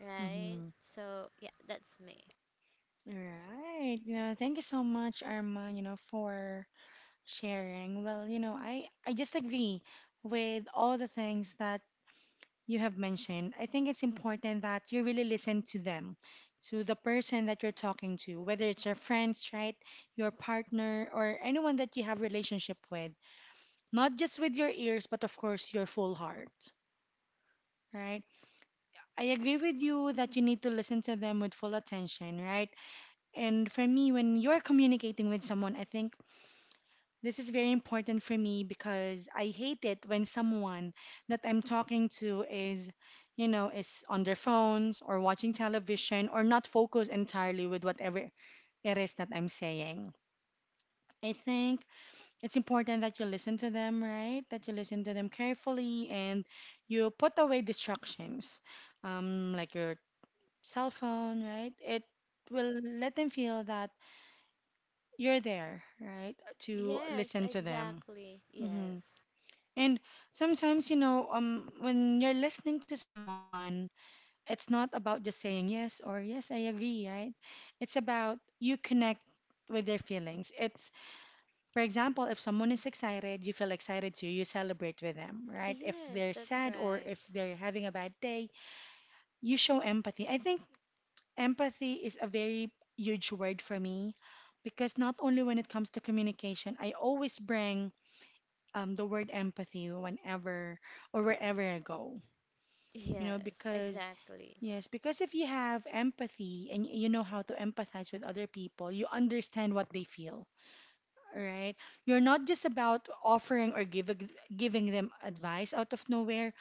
Speaker 2: right?
Speaker 1: mhm.
Speaker 2: So, yeah, that's me.
Speaker 1: All right. You know, thank you so much, Arma, you know, for sharing. Well, you know, I just agree with all the things that you have mentioned. I think it's important that you really listen to them, to the person that you're talking to, whether it's your friends, right, your partner, or anyone that you have relationship with. Not just with your ears, but of course your full heart, right? I agree with you that you need to listen to them with full attention, right? And for me, when you're communicating with someone, I think this is very important for me because I hate it when someone that I'm talking to is, you know, is on their phones or watching television or not focused entirely with whatever it is that I'm saying. I think it's important that you listen to them, right? That you listen to them carefully and you put away distractions, like your cell phone, right? It will let them feel that you're there, right? To
Speaker 2: Yes,
Speaker 1: listen to them.
Speaker 2: exactly.
Speaker 1: Mhm.
Speaker 2: Yes.
Speaker 1: And sometimes, you know, when you're listening to someone, it's not about just saying yes or yes, I agree, right? It's about you connect with their feelings. It's, for example, if someone is excited, you feel excited too, you celebrate with them, right? If
Speaker 2: Yes,
Speaker 1: they're
Speaker 2: that's
Speaker 1: sad or
Speaker 2: right.
Speaker 1: if they're having a bad day, you show empathy. I think empathy is a very huge word for me because not only when it comes to communication, I always bring the word empathy whenever or wherever I go. You know,
Speaker 2: Yes,
Speaker 1: because
Speaker 2: exactly.
Speaker 1: yes, because if you have empathy and you know how to empathize with other people, you understand what they feel, right? You're not just about offering or giving them advice out of nowhere,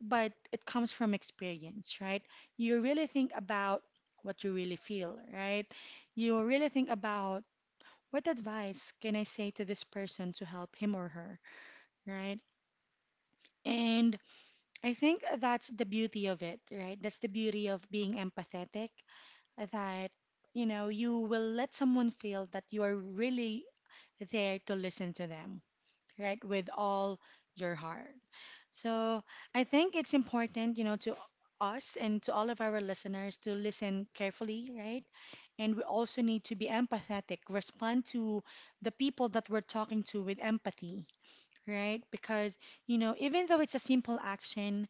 Speaker 1: but it comes from experience, right? You really think about what you really feel, right? You really think about what advice can I say to this person to help him or her, right? And I think that's the beauty of it, right? That's the beauty of being empathetic, that, you know, you will let someone feel that you are really there to listen to them, right? With all your heart. So I think it's important, you know, to us and to all of our listeners to listen carefully, right? And we also need to be empathetic, respond to the people that we're talking to with empathy, right? Because, you know, even though it's a simple action,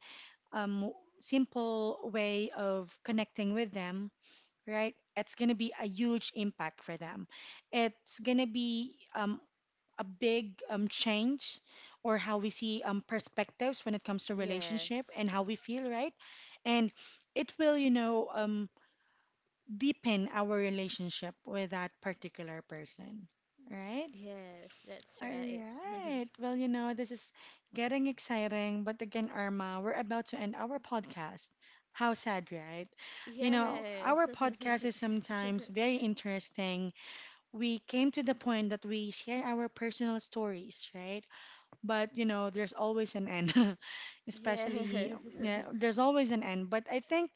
Speaker 1: um, simple way of connecting with them, right? It's going to be a huge impact for them. It's going to be a big change or how we see perspectives when it comes to relationship
Speaker 2: Yes.
Speaker 1: and how we feel, right? And it will, you know, deepen our relationship with that particular person, right?
Speaker 2: Yes, that's
Speaker 1: All
Speaker 2: right. [LAUGHS]
Speaker 1: right. Well, you know, this is getting exciting, but again, Irma, we're about to end our podcast. How sad, right? You know, our
Speaker 2: Yes.
Speaker 1: podcast is sometimes very
Speaker 2: [LAUGHS]
Speaker 1: interesting. We came to the point that we share our personal stories, right? But, you know, there's always an end, [LAUGHS] especially,
Speaker 2: Yes. [LAUGHS]
Speaker 1: yeah, there's always an end. But I think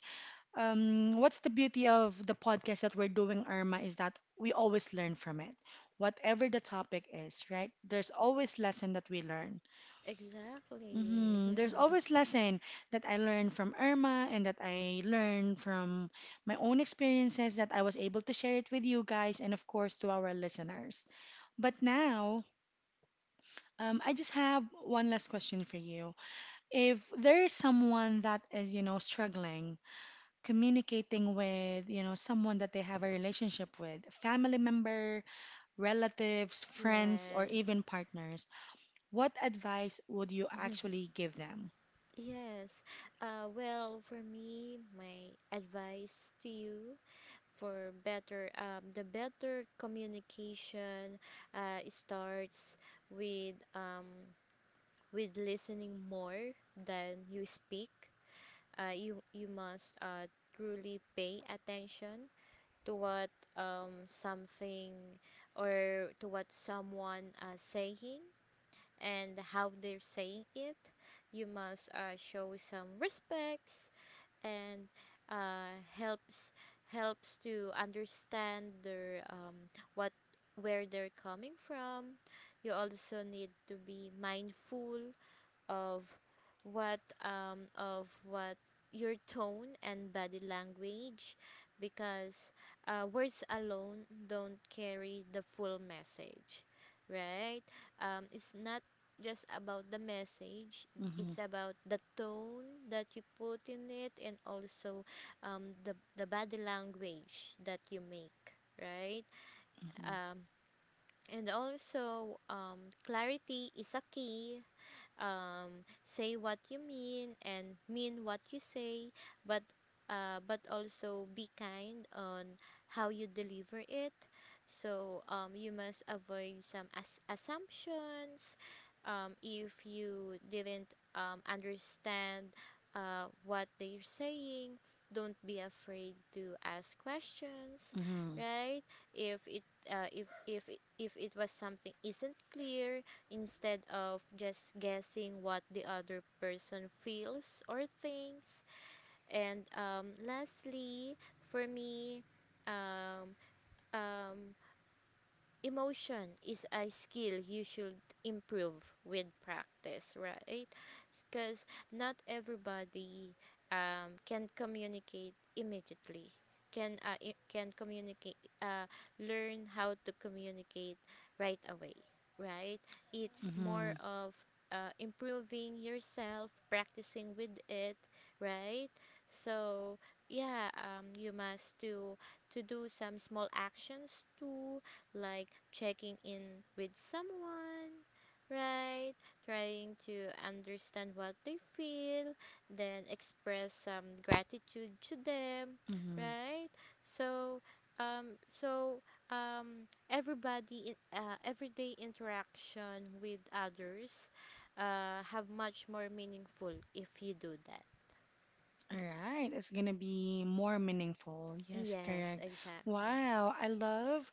Speaker 1: what's the beauty of the podcast that we're doing, Irma, is that we always learn from it. Whatever the topic is, right? There's always lesson that we learn.
Speaker 2: Exactly.
Speaker 1: Hmm. There's always lesson that I learned from Irma and that I learned from my own experiences that I was able to share it with you guys and of course to our listeners. But now, I just have one last question for you. If there's someone that is, you know, struggling communicating with, you know, someone that they have a relationship with, family member, relatives,
Speaker 2: [LAUGHS]
Speaker 1: friends, or
Speaker 2: Yes.
Speaker 1: even partners, what advice would you actually
Speaker 2: [LAUGHS]
Speaker 1: give them?
Speaker 2: Yes. Well, for me, my advice to you for, better the better communication, starts with, with listening more than you speak. You must, truly pay attention to what, something or to what someone, saying and how they're saying it. You must, show some respect and, helps, to understand their, what where they're coming from. You also need to be mindful of, what of what your tone and body language, because, words alone don't carry the full message, right? It's not just about the message.
Speaker 1: Mm-hmm,
Speaker 2: It's about the tone that you put in it, and also, the body language that you make, right?
Speaker 1: mm-hmm,
Speaker 2: um, and also, clarity is a key. Say what you mean and mean what you say, but, but also be kind on how you deliver it. So, you must avoid some assumptions. If you didn't, understand, what they're saying, don't be afraid to ask questions,
Speaker 1: mm-hmm,
Speaker 2: right? If it if it- if it was something isn't clear, instead of just guessing what the other person feels or thinks. And, lastly, for me, um, um, emotion is a skill you should improve with practice, right? Because not everybody, can communicate immediately. Can I- can communicate Learn how to communicate right away, right? It's
Speaker 1: mm-hmm,
Speaker 2: more of, improving yourself, practicing with it, right? So, yeah, you must do to do some small actions to, like, checking in with someone, right? Trying to understand what they feel, then express some gratitude to them,
Speaker 1: mm-hmm.
Speaker 2: right? So, so, everybody in everyday interaction with others, have much more meaningful if you do that.
Speaker 1: All right, it's gonna be more meaningful, yes,
Speaker 2: Yes,
Speaker 1: correct.
Speaker 2: exactly.
Speaker 1: Wow, I love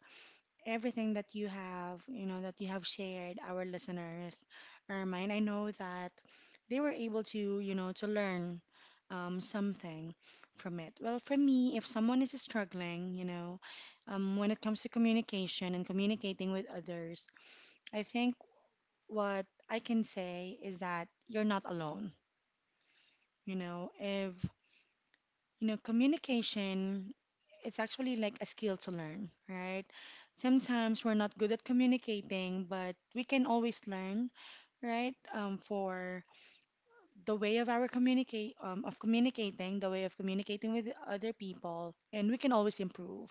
Speaker 1: everything that you have, you know, that you have shared, our listeners or mine. I know that they were able to, you know, to learn something from it. Well, for me, if someone is struggling, you know, when it comes to communication and communicating with others, I think what I can say is that you're not alone. You know, if you know, communication, it's actually like a skill to learn, right? Sometimes we're not good at communicating, but we can always learn, right? For the way of communicating with other people, and we can always improve,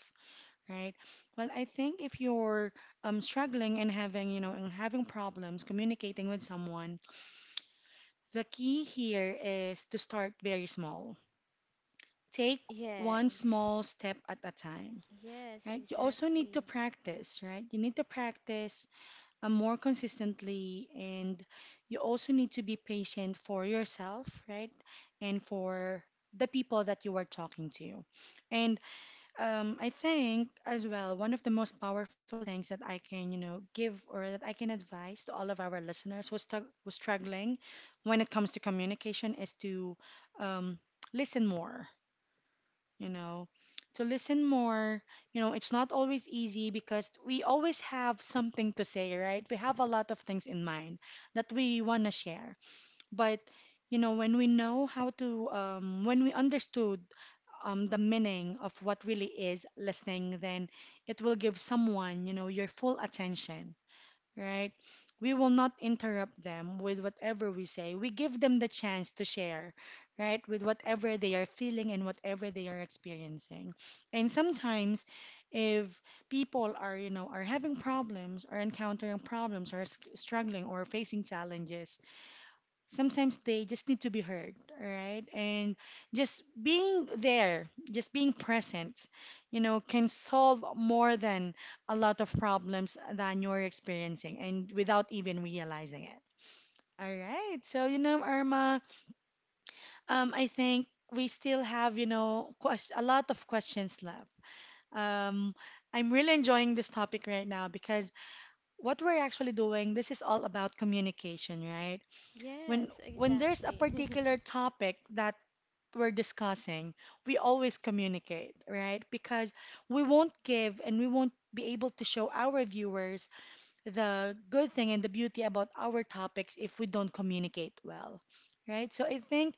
Speaker 1: right? Well, I think if you're struggling and having, you know, and having problems communicating with someone, the key here is to start very small. Take one
Speaker 2: Yes.
Speaker 1: small step at a time,
Speaker 2: Yes,
Speaker 1: right? You also need to
Speaker 2: exactly.
Speaker 1: practice, right? You need to practice more consistently, and you also need to be patient for yourself, right? And for the people that you are talking to. And I think as well, one of the most powerful things that I can, you know, give or that I can advise to all of our listeners who's who's struggling when it comes to communication is to um, listen more, you know, to listen more. You know, it's not always easy because we always have something to say, right? We have a lot of things in mind that we want to share. But, you know, when we know how to, when we understood the meaning of what really is listening, then it will give someone, you know, your full attention, right? We will not interrupt them with whatever we say. We give them the chance to share, right, with whatever they are feeling and whatever they are experiencing. And sometimes, if people are, you know, are having problems or encountering problems or struggling or facing challenges, sometimes they just need to be heard. All right, and just being there, just being present, you know, can solve more than a lot of problems that you're experiencing and without even realizing it. All right, so, you know, Irma, I think we still have, you know, a lot of questions left. Um, I'm really enjoying this topic right now because what we're actually doing this is all about communication, right? when
Speaker 2: Yes,
Speaker 1: when there's a
Speaker 2: exactly.
Speaker 1: particular
Speaker 2: [LAUGHS]
Speaker 1: topic that we're discussing, we always communicate, right? Because we won't give and we won't be able to show our viewers the good thing and the beauty about our topics if we don't communicate well, right? So I think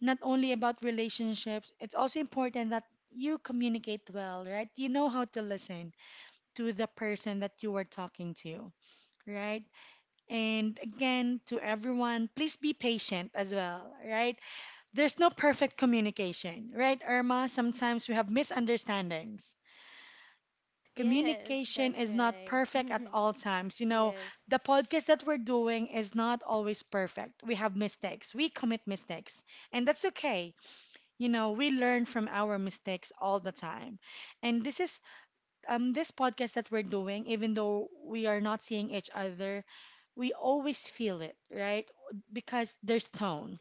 Speaker 1: not only about relationships, it's also important that you communicate well, right? You know how to listen to the person that you are talking to, right? And again, to everyone, please be patient as well, right? There's no perfect communication, right, Irma? Sometimes we have misunderstandings.
Speaker 2: Yes,
Speaker 1: Communication
Speaker 2: that's
Speaker 1: is not
Speaker 2: right.
Speaker 1: perfect at
Speaker 2: [LAUGHS]
Speaker 1: all times. You know,
Speaker 2: Yes,
Speaker 1: the podcast that we're doing is not always perfect. We have mistakes, we commit mistakes, and that's okay. You know, we learn from our mistakes all the time. And this is this podcast that we're doing, even though we are not seeing each other, we always feel it, right? Because there's tone.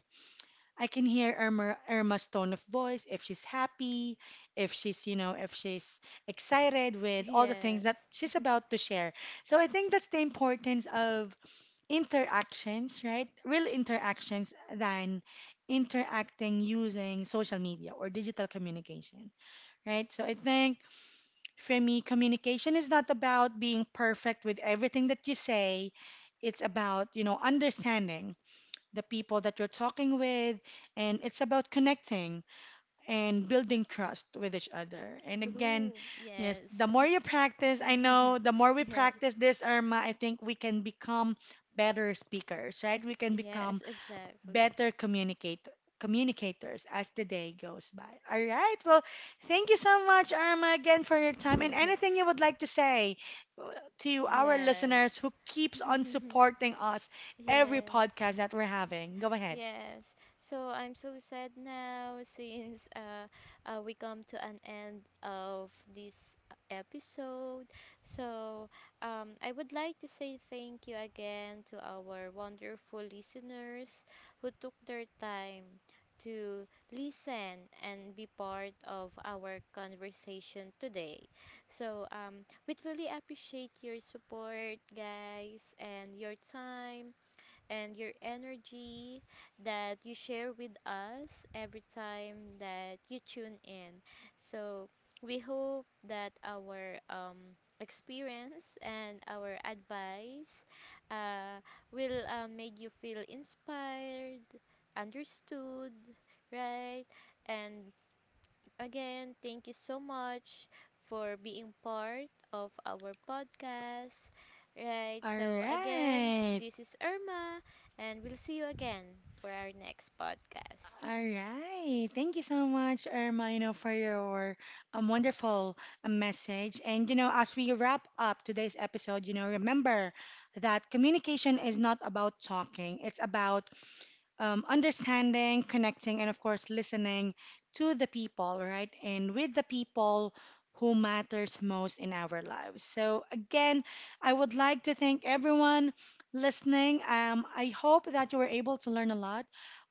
Speaker 1: I can hear Irma, Irma's tone of voice, if she's happy, if she's, you know, if she's excited with all the things that
Speaker 2: yes.
Speaker 1: she's about to share. So I think that's the importance of interactions, right? Real interactions than interacting using social media or digital communication, right? So I think for me, communication is not about being perfect with everything that you say. It's about, you know, understanding the people that you're talking with, and it's about connecting and building trust with each other. And again,
Speaker 2: True.
Speaker 1: yes,
Speaker 2: Yes.
Speaker 1: the more you practice, I know the more
Speaker 2: [LAUGHS]
Speaker 1: we
Speaker 2: Yes.
Speaker 1: practice this, Irma, I think we can become better speakers, right? We can become
Speaker 2: Yes, exactly.
Speaker 1: better communicate communicators as the day goes by. All right. Well, thank you so much, Irma, again for your time and anything
Speaker 2: [LAUGHS]
Speaker 1: you would like to say uh, to our
Speaker 2: Yes.
Speaker 1: listeners who keeps on
Speaker 2: [LAUGHS]
Speaker 1: supporting us every
Speaker 2: Yes.
Speaker 1: podcast that we're having. Go ahead.
Speaker 2: Yes. So I'm so sad now since, we come to an end of this episode. So, I would like to say thank you again to our wonderful listeners who took their time to listen and be part of our conversation today. So, we truly appreciate your support, guys, and your time and your energy that you share with us every time that you tune in. So we hope that our, experience and our advice, uh, will, make you feel inspired, understood, right? And again, thank you so much for being part of our podcast. Right,
Speaker 1: All
Speaker 2: so again,
Speaker 1: right.
Speaker 2: this is Irma, and we'll see you again for our next podcast.
Speaker 1: All right. Thank you so much, Irma, you know, for your wonderful message. And, you know, as we wrap up today's episode, you know, remember that communication is not about talking, it's about understanding, connecting, and of course, listening to the people, right? And with the people who matters most in our lives. So again, I would like to thank everyone listening. I hope that you were able to learn a lot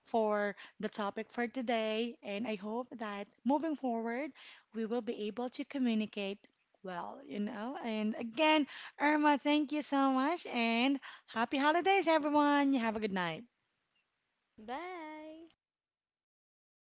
Speaker 1: for the topic for today, and I hope that moving forward, we will be able to communicate well, you know. And again, Irma, thank you so much, and happy holidays, everyone. You have a good night.
Speaker 2: Bye!